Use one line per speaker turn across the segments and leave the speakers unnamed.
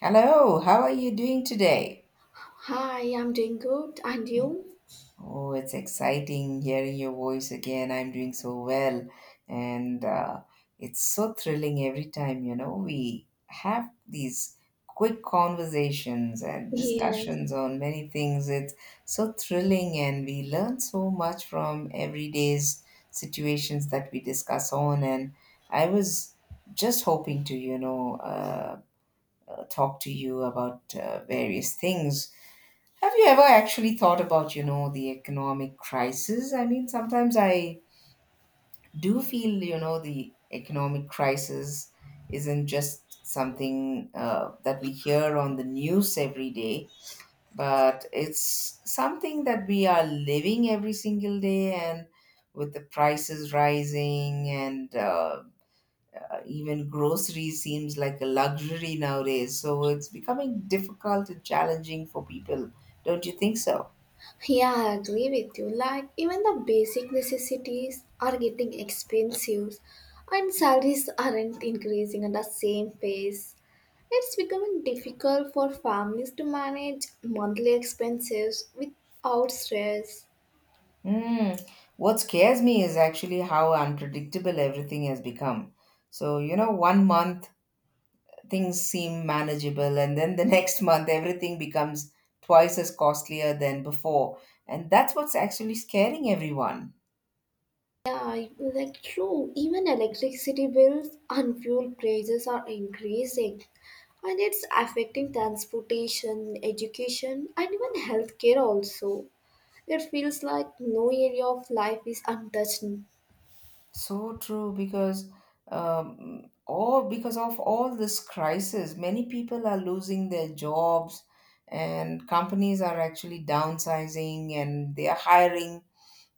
Hello, how are you doing today?
Hi, I'm doing good. And you?
Oh, it's exciting hearing your voice again. I'm doing so well, and it's so thrilling every time, we have these quick conversations and
Yes.
discussions on many things. It's so thrilling, and we learn so much from everyday's situations that we discuss on. And I was just hoping to, talk to you about various things. Have you ever actually thought about, the economic crisis? I mean, sometimes I do feel, the economic crisis isn't just something that we hear on the news every day, but it's something that we are living every single day, and with the prices rising and even groceries seems like a luxury nowadays. So it's becoming difficult and challenging for people. Don't you think so?
Yeah, I agree with you. Like, even the basic necessities are getting expensive, and salaries aren't increasing at the same pace. It's becoming difficult for families to manage monthly expenses without stress.
Mm. What scares me is actually how unpredictable everything has become. So, one month things seem manageable, and then the next month everything becomes twice as costlier than before. And that's what's actually scaring everyone.
Yeah, like true. Even electricity bills and fuel prices are increasing, and it's affecting transportation, education, and even healthcare also. It feels like no area of life is untouched.
So true, because all because of all this crisis, many people are losing their jobs, and companies are actually downsizing, and they are hiring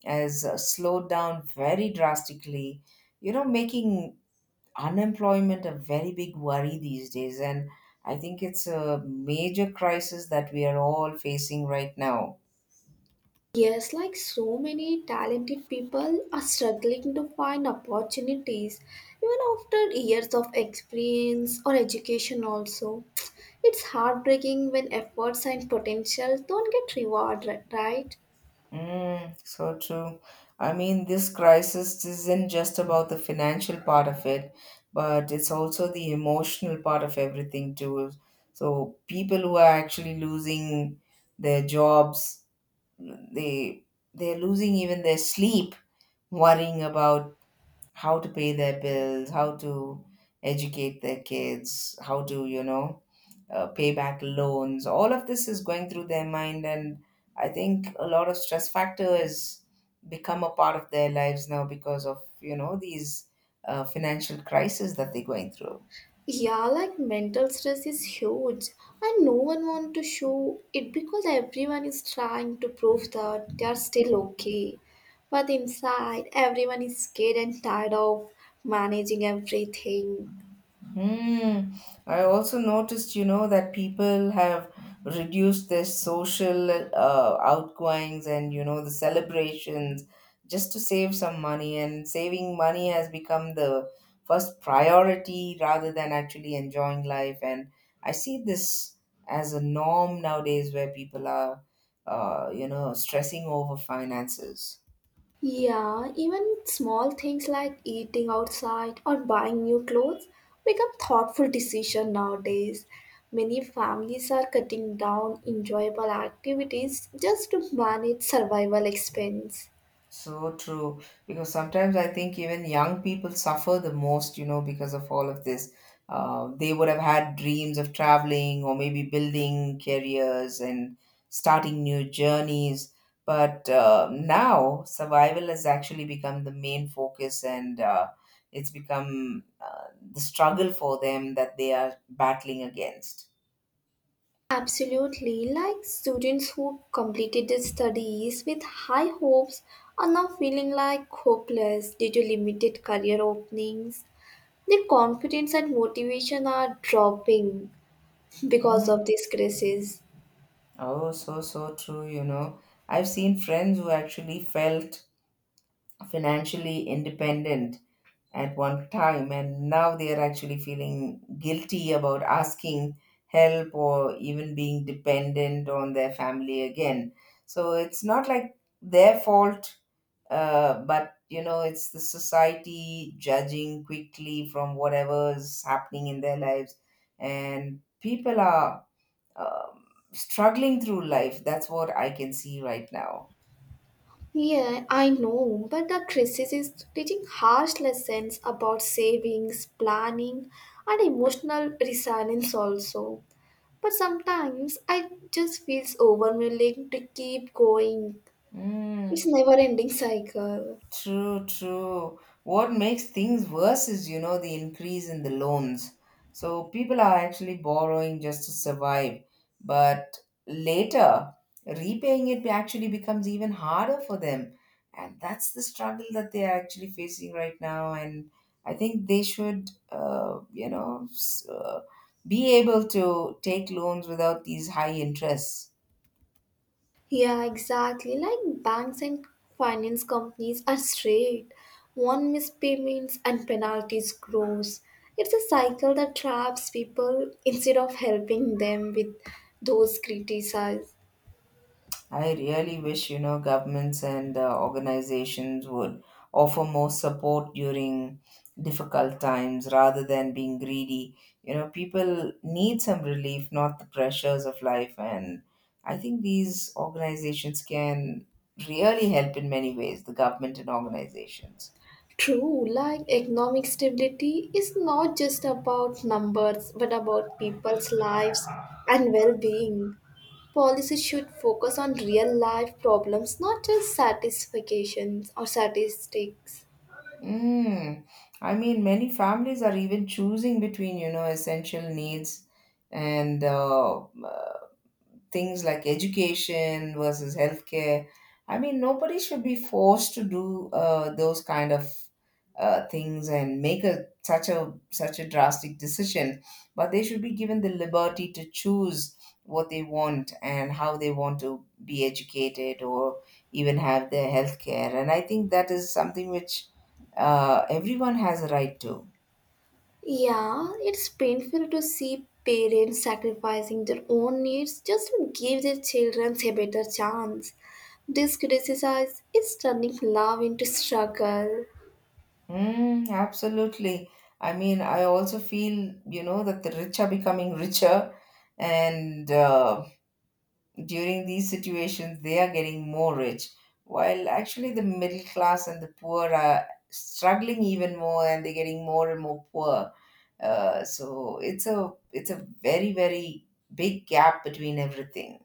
has slowed down very drastically, making unemployment a very big worry these days. And I think it's a major crisis that we are all facing right now.
Yes, like so many talented people are struggling to find opportunities, even after years of experience or education also. It's heartbreaking when efforts and potential don't get rewarded, right?
Mm, so true. I mean, this crisis isn't just about the financial part of it, but it's also the emotional part of everything, too. So, people who are actually losing their jobs, they they're losing even their sleep worrying about how to pay their bills, how to educate their kids, how to, pay back loans. All of this is going through their mind, and I think a lot of stress factor has become a part of their lives now because of, these financial crises that they're going through.
Yeah, like mental stress is huge, and no one wants to show it because everyone is trying to prove that they are still okay. But inside, everyone is scared and tired of managing everything.
Hmm. I also noticed, that people have reduced their social outgoings and, the celebrations just to save some money. And saving money has become the first priority rather than actually enjoying life. And I see this as a norm nowadays where people are, stressing over finances.
Yeah, even small things like eating outside or buying new clothes become thoughtful decision nowadays. Many families are cutting down enjoyable activities just to manage survival expense.
So true. Because sometimes I think even young people suffer the most, because of all of this. They would have had dreams of traveling or maybe building careers and starting new journeys. But now survival has actually become the main focus, and it's become the struggle for them that they are battling against.
Absolutely, like students who completed their studies with high hopes are now feeling like hopeless due to limited career openings. Their confidence and motivation are dropping because
Mm.
of these crises.
Oh, so, so true. I've seen friends who actually felt financially independent at one time, and now they are actually feeling guilty about asking help or even being dependent on their family again. So it's not like their fault, but it's the society judging quickly from whatever is happening in their lives, and people are um struggling through life. That's what I can see right now.
Yeah, I know, but the crisis is teaching harsh lessons about savings, planning, and emotional resilience also. But sometimes I just feels overwhelming to keep going.
Mm.
It's never-ending cycle.
True, true. What makes things worse is, the increase in the loans. So people are actually borrowing just to survive, but later repaying it actually becomes even harder for them. And that's the struggle that they are actually facing right now. And I think they should, be able to take loans without these high interests.
Yeah, exactly. Like banks and finance companies are straight. One missed payments and penalties grows. It's a cycle that traps people instead of helping them with those criticized.
I really wish, governments and organizations would offer more support during difficult times rather than being greedy. You know, people need some relief, not the pressures of life. And I think these organizations can really help in many ways, the government and organizations.
True, like economic stability is not just about numbers but about people's lives and well being. Policies should focus on real life problems, not just satisfactions or statistics.
Mm. I mean, many families are even choosing between, essential needs and things like education versus healthcare. I mean, nobody should be forced to do those kind of things and make a such a drastic decision, but they should be given the liberty to choose what they want and how they want to be educated or even have their health care. And I think that is something which everyone has a right to.
Yeah, it's painful to see parents sacrificing their own needs just to give their children a better chance. This criticism is turning love into struggle.
Mm, absolutely. I mean, I also feel, that the rich are becoming richer, and during these situations, they are getting more rich, while actually the middle class and the poor are struggling even more, and they're getting more and more poor. So it's a very, very big gap between everything.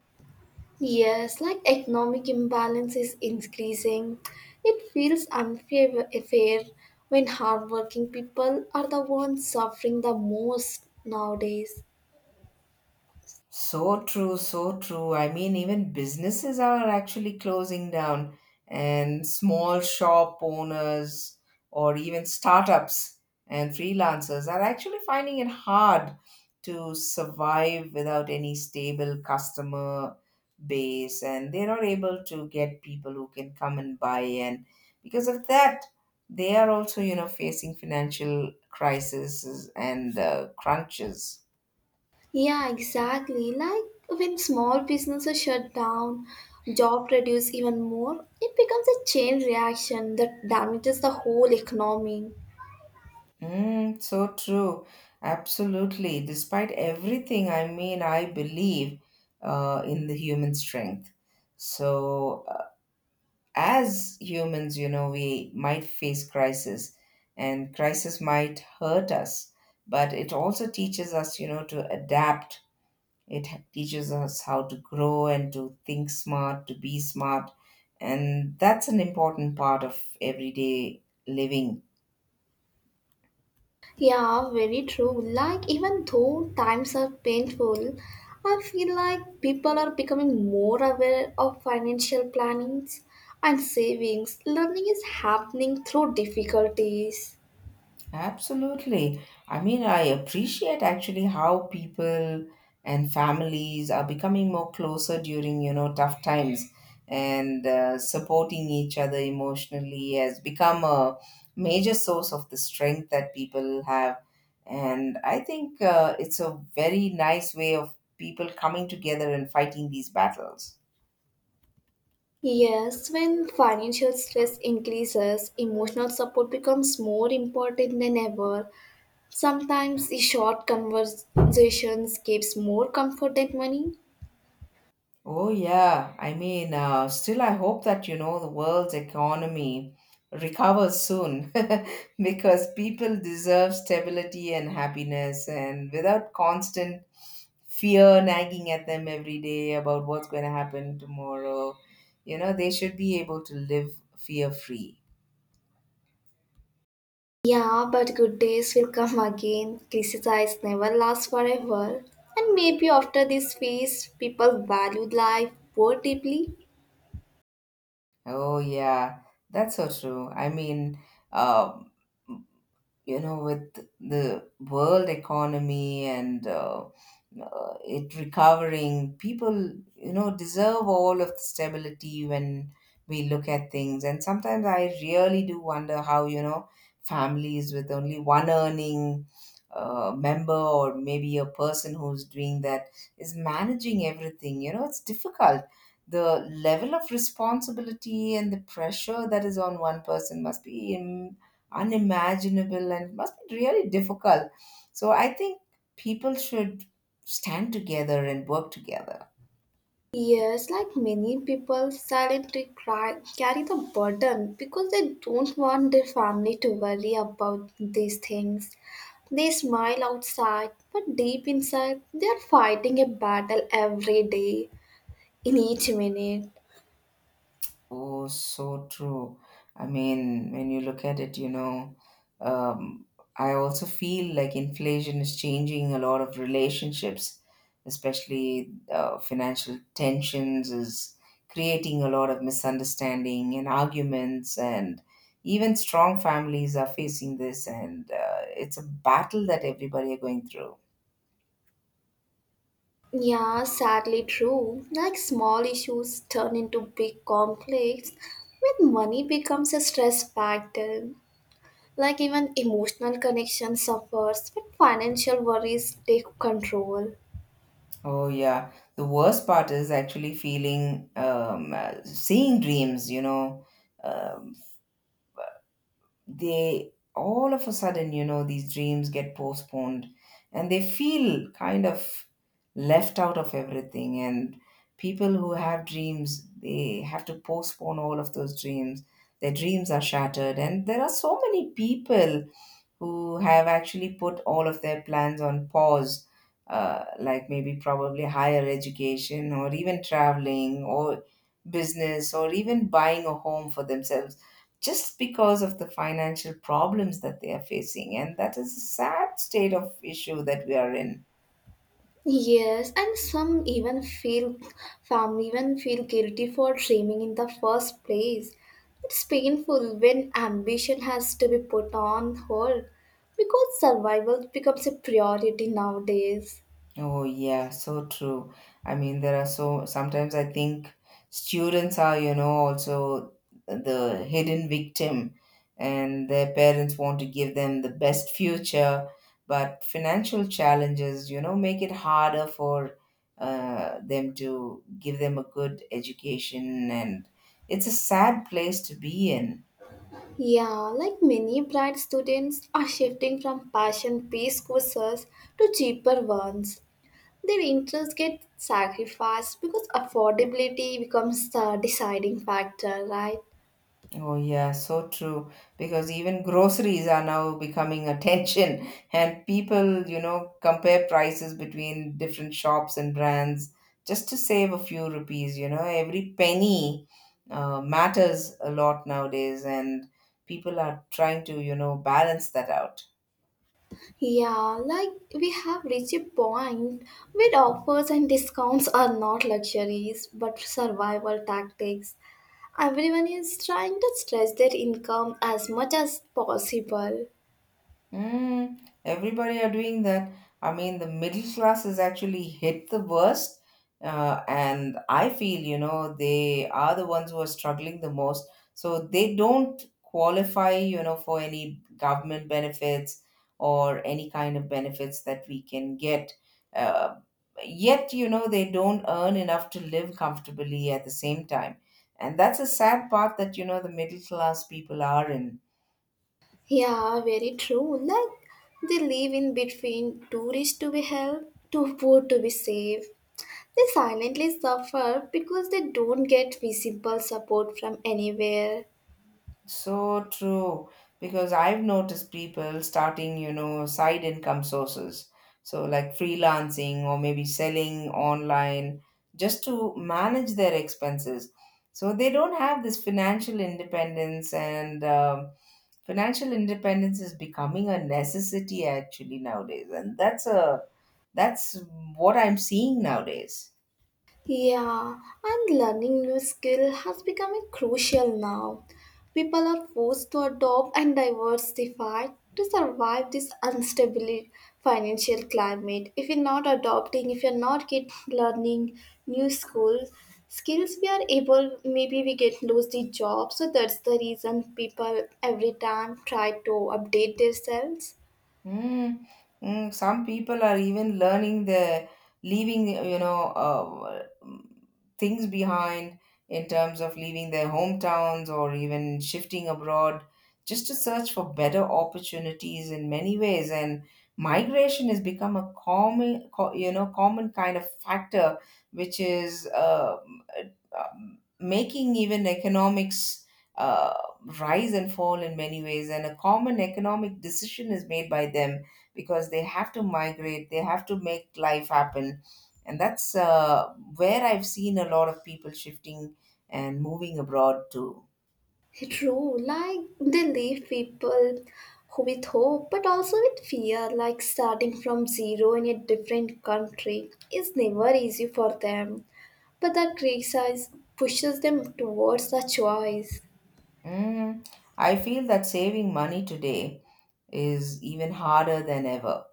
Yes, like economic imbalance is increasing. It feels unfair fair when hardworking people are the ones suffering the most nowadays.
So true, so true. I mean, even businesses are actually closing down, and small shop owners or even startups and freelancers are actually finding it hard to survive without any stable customer base, and they're not able to get people who can come and buy. And because of that, they are also, facing financial crises and crunches.
Yeah, exactly. Like when small businesses shut down, job reduce even more, it becomes a chain reaction that damages the whole economy.
Mm, so true. Absolutely. Despite everything, I mean, I believe in the human strength. So, as humans, we might face crisis, and crisis might hurt us, but it also teaches us, to adapt. It teaches us how to grow and to think smart, to be smart. And that's an important part of everyday living.
Yeah, very true. Like, even though times are painful, I feel like people are becoming more aware of financial plannings and savings. Learning is happening through difficulties.
Absolutely. I mean, I appreciate actually how people and families are becoming more closer during, tough times, and supporting each other emotionally has become a major source of the strength that people have. And I think it's a very nice way of people coming together and fighting these battles.
Yes, when financial stress increases, emotional support becomes more important than ever. Sometimes the short conversations gives more comfort than money.
Oh, yeah. I mean, still, I hope that, the world's economy recovers soon because people deserve stability and happiness and without constant fear nagging at them every day about what's going to happen tomorrow. You know, they should be able to live fear free.
Yeah, but good days will come again. Crisis never lasts forever. And maybe after this phase, people valued life more deeply.
Oh, yeah. That's so true. I mean, uh, with the world economy and it recovering, people deserve all of the stability. When we look at things, and sometimes I really do wonder how, families with only one earning member, or maybe a person who's doing that, is managing everything. You know, it's difficult. The level of responsibility and the pressure that is on one person must be unimaginable, and it must be really difficult. So I think people should stand together and work together.
Yes, like many people, silently cry, carry the burden because they don't want their family to worry about these things. They smile outside, but deep inside, they are fighting a battle every day, in each minute.
Oh, so true. I mean, when you look at it, um, I also feel like inflation is changing a lot of relationships, especially financial tensions is creating a lot of misunderstanding and arguments, and even strong families are facing this, and it's a battle that everybody are going through.
Yeah, sadly true. Like small issues turn into big conflicts when money becomes a stress factor. Like even emotional connection suffers when financial worries take control.
Oh yeah, the worst part is actually feeling, seeing dreams. Um they all of a sudden, these dreams get postponed, and they feel kind of left out of everything. And people who have dreams, they have to postpone all of those dreams. Their dreams are shattered, and there are so many people who have actually put all of their plans on pause, like maybe probably higher education or even traveling or business or even buying a home for themselves, just because of the financial problems that they are facing. And that is a sad state of issue that we are in.
Yes, and some even feel family even feel guilty for dreaming in the first place. It's painful when ambition has to be put on hold because survival becomes a priority nowadays.
Oh yeah, so true. I mean, there are so sometimes I think students are, also the hidden victim, and their parents want to give them the best future, but financial challenges, make it harder for them to give them a good education, and it's a sad place to be in.
Yeah, like many bright students are shifting from passion based courses to cheaper ones. Their interests get sacrificed because affordability becomes the deciding factor, right?
Oh, yeah, so true. Because even groceries are now becoming a tension, and people, compare prices between different shops and brands just to save a few rupees. You know, every penny matters a lot nowadays, and people are trying to, balance that out.
Yeah, like we have reached a point where offers and discounts are not luxuries but survival tactics. Everyone is trying to stretch their income as much as possible.
Mm, everybody are doing that. I mean, the middle class is actually hit the worst. And I feel, they are the ones who are struggling the most. So they don't qualify, for any government benefits or any kind of benefits that we can get. Uh, yet, they don't earn enough to live comfortably at the same time. And that's a sad part that, the middle class people are in.
Yeah, very true. Like they live in between too rich to be helped, too poor to be saved. They silently suffer because they don't get visible support from anywhere.
So true, because I've noticed people starting, side income sources. So, like freelancing or maybe selling online just to manage their expenses. So, they don't have this financial independence, and financial independence is becoming a necessity actually nowadays. And that's what I'm seeing nowadays.
Yeah, and learning new skill has become crucial now. People are forced to adopt and diversify to survive this unstable financial climate. If you're not adopting, if you're not get learning new schools skills, we are able maybe we get lose the job, so that's the reason people every time try to update themselves.
Mm, mm, some people are even learning the leaving, things behind in terms of leaving their hometowns or even shifting abroad just to search for better opportunities in many ways. And migration has become a common, common kind of factor, which is making even economics uh, rise and fall in many ways, and a common economic decision is made by them because they have to migrate, they have to make life happen. And that's where I've seen a lot of people shifting and moving abroad too.
True, like they leave people with hope but also with fear, like starting from zero in a different country is never easy for them. But that crisis pushes them towards the choice.
Mm, I feel that saving money today is even harder than ever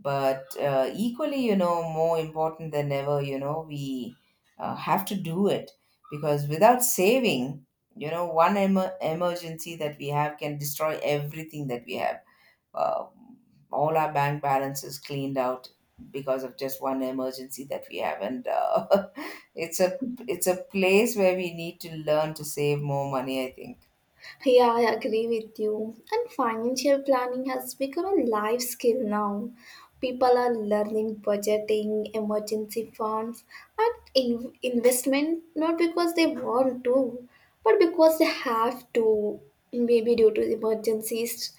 but equally, more important than ever. We have to do it, because without saving, you know, one emergency that we have can destroy everything that we have. uh, all our bank balances cleaned out because of just one emergency that we have. And it's a it's a place where we need to learn to save more money, I think.
Yeah, I agree with you. And financial planning has become a life skill now. People are learning budgeting, emergency funds, and investment, not because they want to, but because they have to, maybe due to emergencies.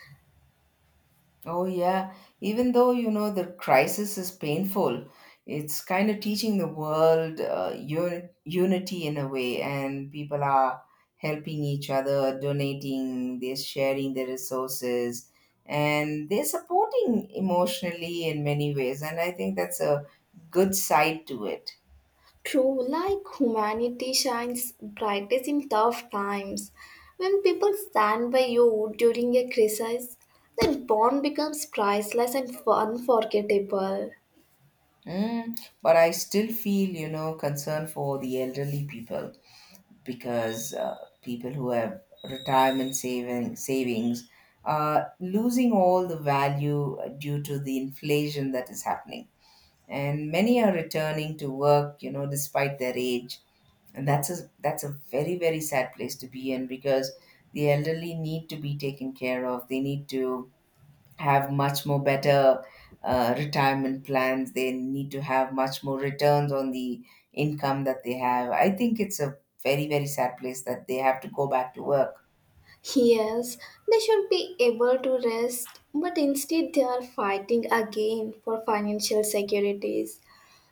Oh, yeah. Even though, you know, the crisis is painful, it's kind of teaching the world unity in a way, and people are helping each other, donating, they're sharing their resources, and they're supporting emotionally in many ways. And I think that's a good side to it.
True, like humanity shines brightest in tough times. When people stand by you during a crisis, that bond becomes priceless and unforgettable.
Mm, but I still feel, you know, concern for the elderly people, because people who have retirement saving savings are losing all the value due to the inflation that is happening, and many are returning to work, you know, despite their age. And that's a very, very sad place to be in, because the elderly need to be taken care of. They need to have much more better retirement plans. They need to have much more returns on the income that they have. I think it's a very, very sad place that they have to go back to work.
Yes, they should be able to rest, but instead they are fighting again for financial securities.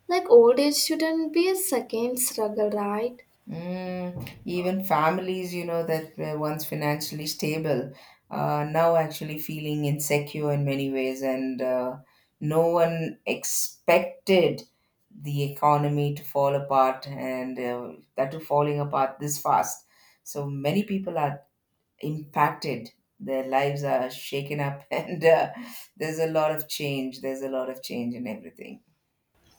Like old age shouldn't be a second struggle, right?
Mm, even families, you know, that were once financially stable, now actually feeling insecure in many ways. And no one expected the economy to fall apart, and that to falling apart this fast. So many people are impacted, their lives are shaken up, and there's a lot of change. There's a lot of change in everything.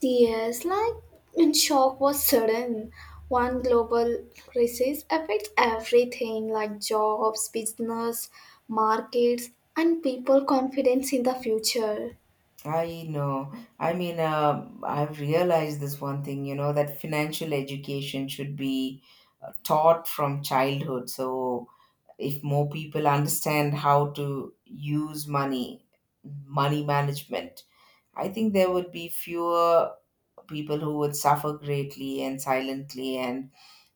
Yes, like in shock was sudden. One global crisis affects everything like jobs, business, markets, and people confidence in the future.
I know. I mean, I've realized this one thing, you know, that financial education should be taught from childhood. So if more people understand how to use money, money management, I think there would be fewer people who would suffer greatly and silently. And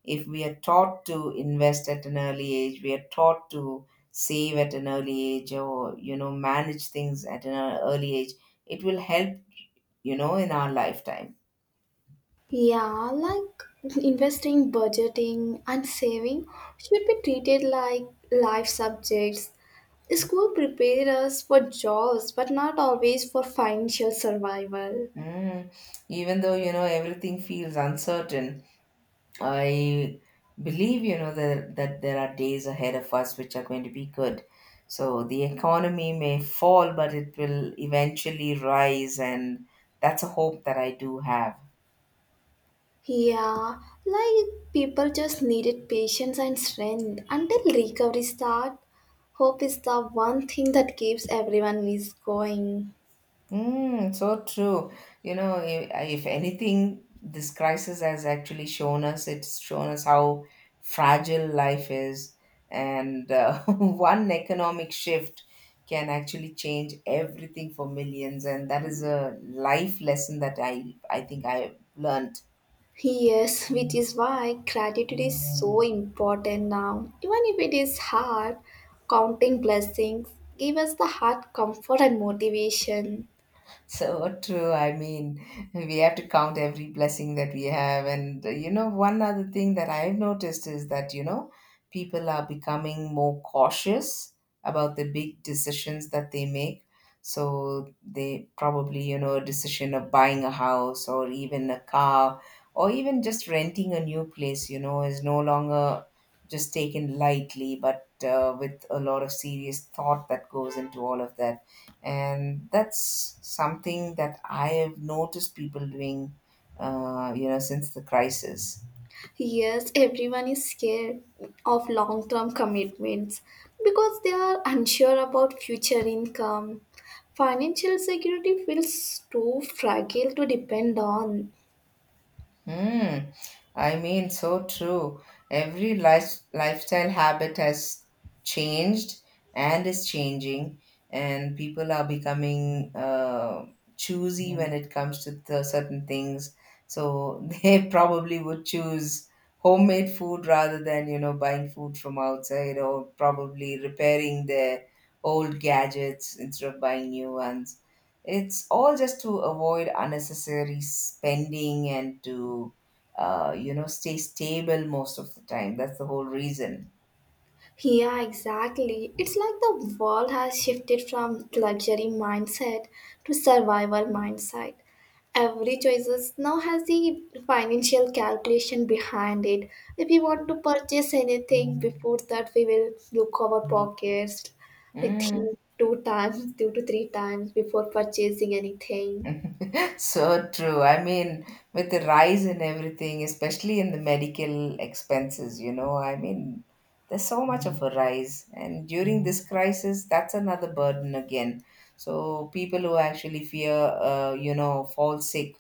if we are taught to invest at an early age, we are taught to save at an early age, or, you know, manage things at an early age, it will help, you know, in our lifetime.
Yeah, like investing, budgeting, and saving should be treated like life subjects. School prepares us for jobs, but not always for financial survival.
Mm. Even though, you know, everything feels uncertain, I believe, you know, that there are days ahead of us which are going to be good. So the economy may fall, but it will eventually rise. And that's a hope that I do have.
Yeah, like people just needed patience and strength until recovery start. Hope is the one thing that keeps everyone is going.
Mm, so true. You know, if anything, this crisis has actually shown us, how fragile life is. And one economic shift can actually change everything for millions. And that is a life lesson that I think I learned.
Yes, which is why gratitude is so important now. Even if it is hard, counting blessings give us the heart comfort and motivation.
So true. I mean, we have to count every blessing that we have. And, you know, one other thing that I've noticed is that, you know, people are becoming more cautious about the big decisions that they make. So they probably, you know, a decision of buying a house or even a car, or even just renting a new place, you know, is no longer just taken lightly, but with a lot of serious thought that goes into all of that. And that's something that I have noticed people doing, you know, since the crisis.
Yes, everyone is scared of long-term commitments because they are unsure about future income. Financial security feels too fragile to depend on.
Hmm. I mean, so true. Every lifestyle habit has changed and is changing, and people are becoming choosy when it comes to the certain things. So they probably would choose homemade food rather than, you know, buying food from outside, or probably repairing their old gadgets instead of buying new ones. It's all just to avoid unnecessary spending and to, you know, stay stable most of the time. That's the whole reason.
Yeah, exactly. It's like the world has shifted from luxury mindset to survival mindset. Every choices now has the financial calculation behind it. If we want to purchase anything, before that we will look our pockets. We
Mm.
think two times, two to three times before purchasing anything.
So true. I mean, with the rise in everything, especially in the medical expenses, you know, I mean, there's so much of a rise. And during this crisis, that's another burden again. So people who actually fear, you know, fall sick,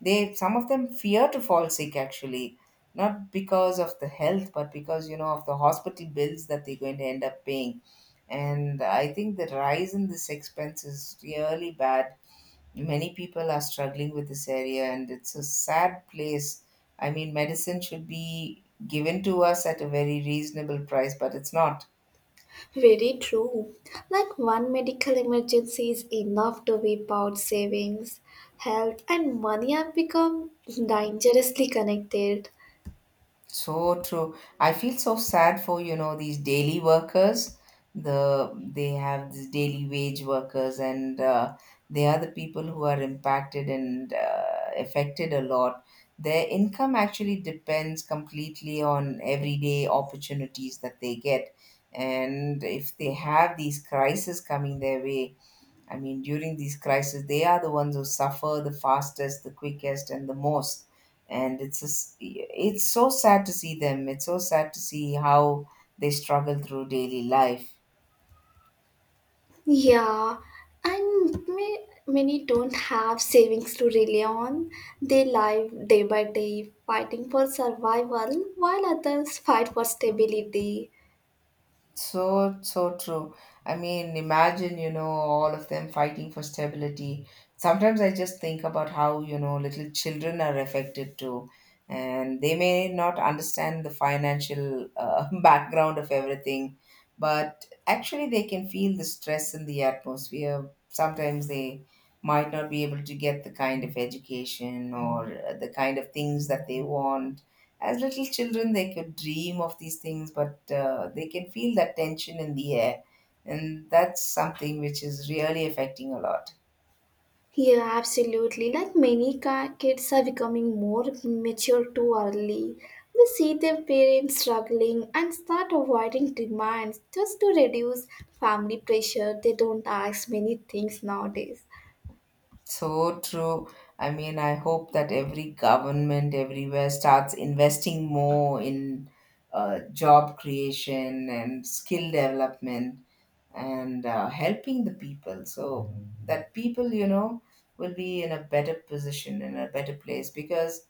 they some of them fear to fall sick actually, not because of the health, but because, you know, of the hospital bills that they're going to end up paying. And I think the rise in this expense is really bad. Many people are struggling with this area, and it's a sad place. I mean, medicine should be given to us at a very reasonable price, but it's not.
Very true. Like one medical emergency is enough to wipe out savings, health, and money have become dangerously connected.
So true. I feel so sad for, you know, these daily workers. They have these daily wage workers, and they are the people who are impacted and affected a lot. Their income actually depends completely on everyday opportunities that they get, and if they have these crises coming their way, I mean, during these crises, they are the ones who suffer the fastest, the quickest, and the most. And it's so sad to see them. It's so sad to see how they struggle through daily life.
Yeah, and many don't have savings to rely on. They live day by day, fighting for survival, while others fight for stability.
So, so true. I mean, imagine, you know, all of them fighting for stability. Sometimes I just think about how, you know, little children are affected too. And they may not understand the financial background of everything, but actually they can feel the stress in the atmosphere. Sometimes they might not be able to get the kind of education or the kind of things that they want. As little children, they could dream of these things, but they can feel that tension in the air. And that's something which is really affecting a lot.
Yeah, absolutely. Like many kids are becoming more mature too early. They see their parents struggling and start avoiding demands just to reduce family pressure. They don't ask many things nowadays.
So true. I mean, I hope that every government everywhere starts investing more in job creation and skill development, and helping the people, so that people, you know, will be in a better position, in a better place. Because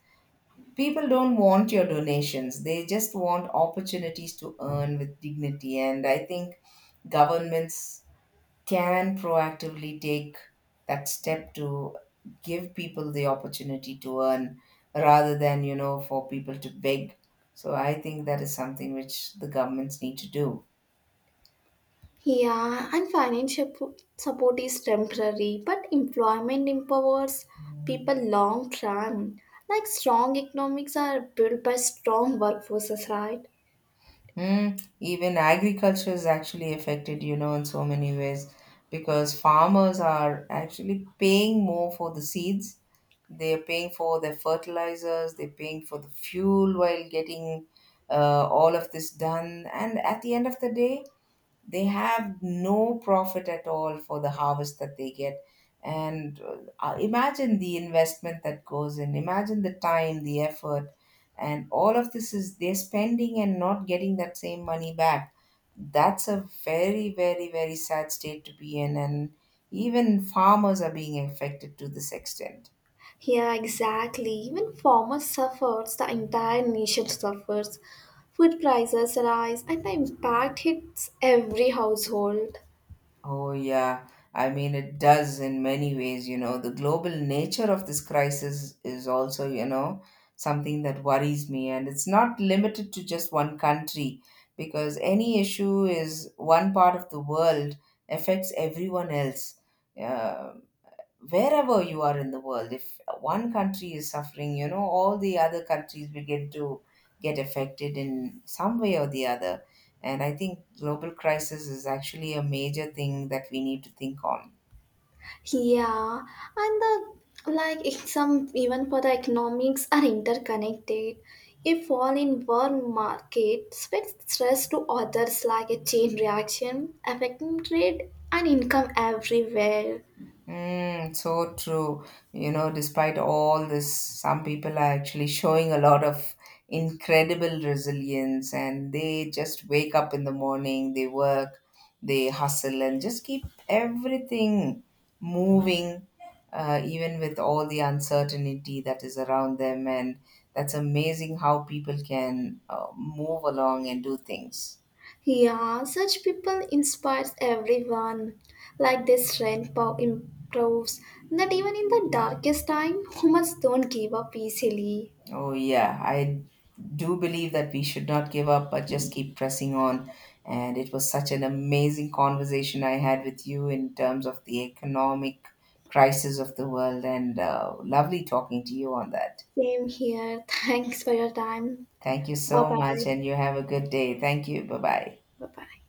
people don't want your donations. They just want opportunities to earn with dignity. And I think governments can proactively take that step to give people the opportunity to earn rather than, you know, for people to beg. So I think that is something which the governments need to do.
Yeah, and financial support is temporary, but employment empowers people long term. Like strong economics are built by strong workforces, right?
Mm, even agriculture is actually affected, you know, in so many ways, because farmers are actually paying more for the seeds. They're paying for their fertilizers, they're paying for the fuel while getting all of this done. And at the end of the day, they have no profit at all for the harvest that they get. And imagine the investment that goes in, imagine the time, the effort, and all of this is they're spending and not getting that same money back. That's a very, very, very sad state to be in. And even farmers are being affected to this extent.
Yeah, exactly. Even farmers suffers, the entire nation suffers. Food prices rise and the impact hits every household.
Oh, yeah. I mean, it does in many ways, you know. The global nature of this crisis is also, you know, something that worries me. And it's not limited to just one country, because any issue is one part of the world affects everyone else. Uh, Wherever you are in the world, if one country is suffering, you know, all the other countries begin to get affected in some way or the other. And I think global crisis is actually a major thing that we need to think on.
Yeah, and the like it's some even for the economics are interconnected. A fall in one market spreads stress to others like a chain reaction, affecting trade and income everywhere.
Mm, so true. You know, despite all this, some people are actually showing a lot of incredible resilience, and they just wake up in the morning, they work, they hustle, and just keep everything moving, even with all the uncertainty that is around them. And that's amazing how people can move along and do things.
Yeah, such people inspires everyone. Like this strength pow improves that even in the darkest time, humans don't give up easily.
Oh, yeah. I do believe that we should not give up, but just keep pressing on. And it was such an amazing conversation I had with you in terms of the economic crisis of the world. And lovely talking to you on that.
Same here. Thanks for your time.
Thank you
Bye
so much.
bye.
And you have a good day. Thank you. Bye bye.
Bye bye.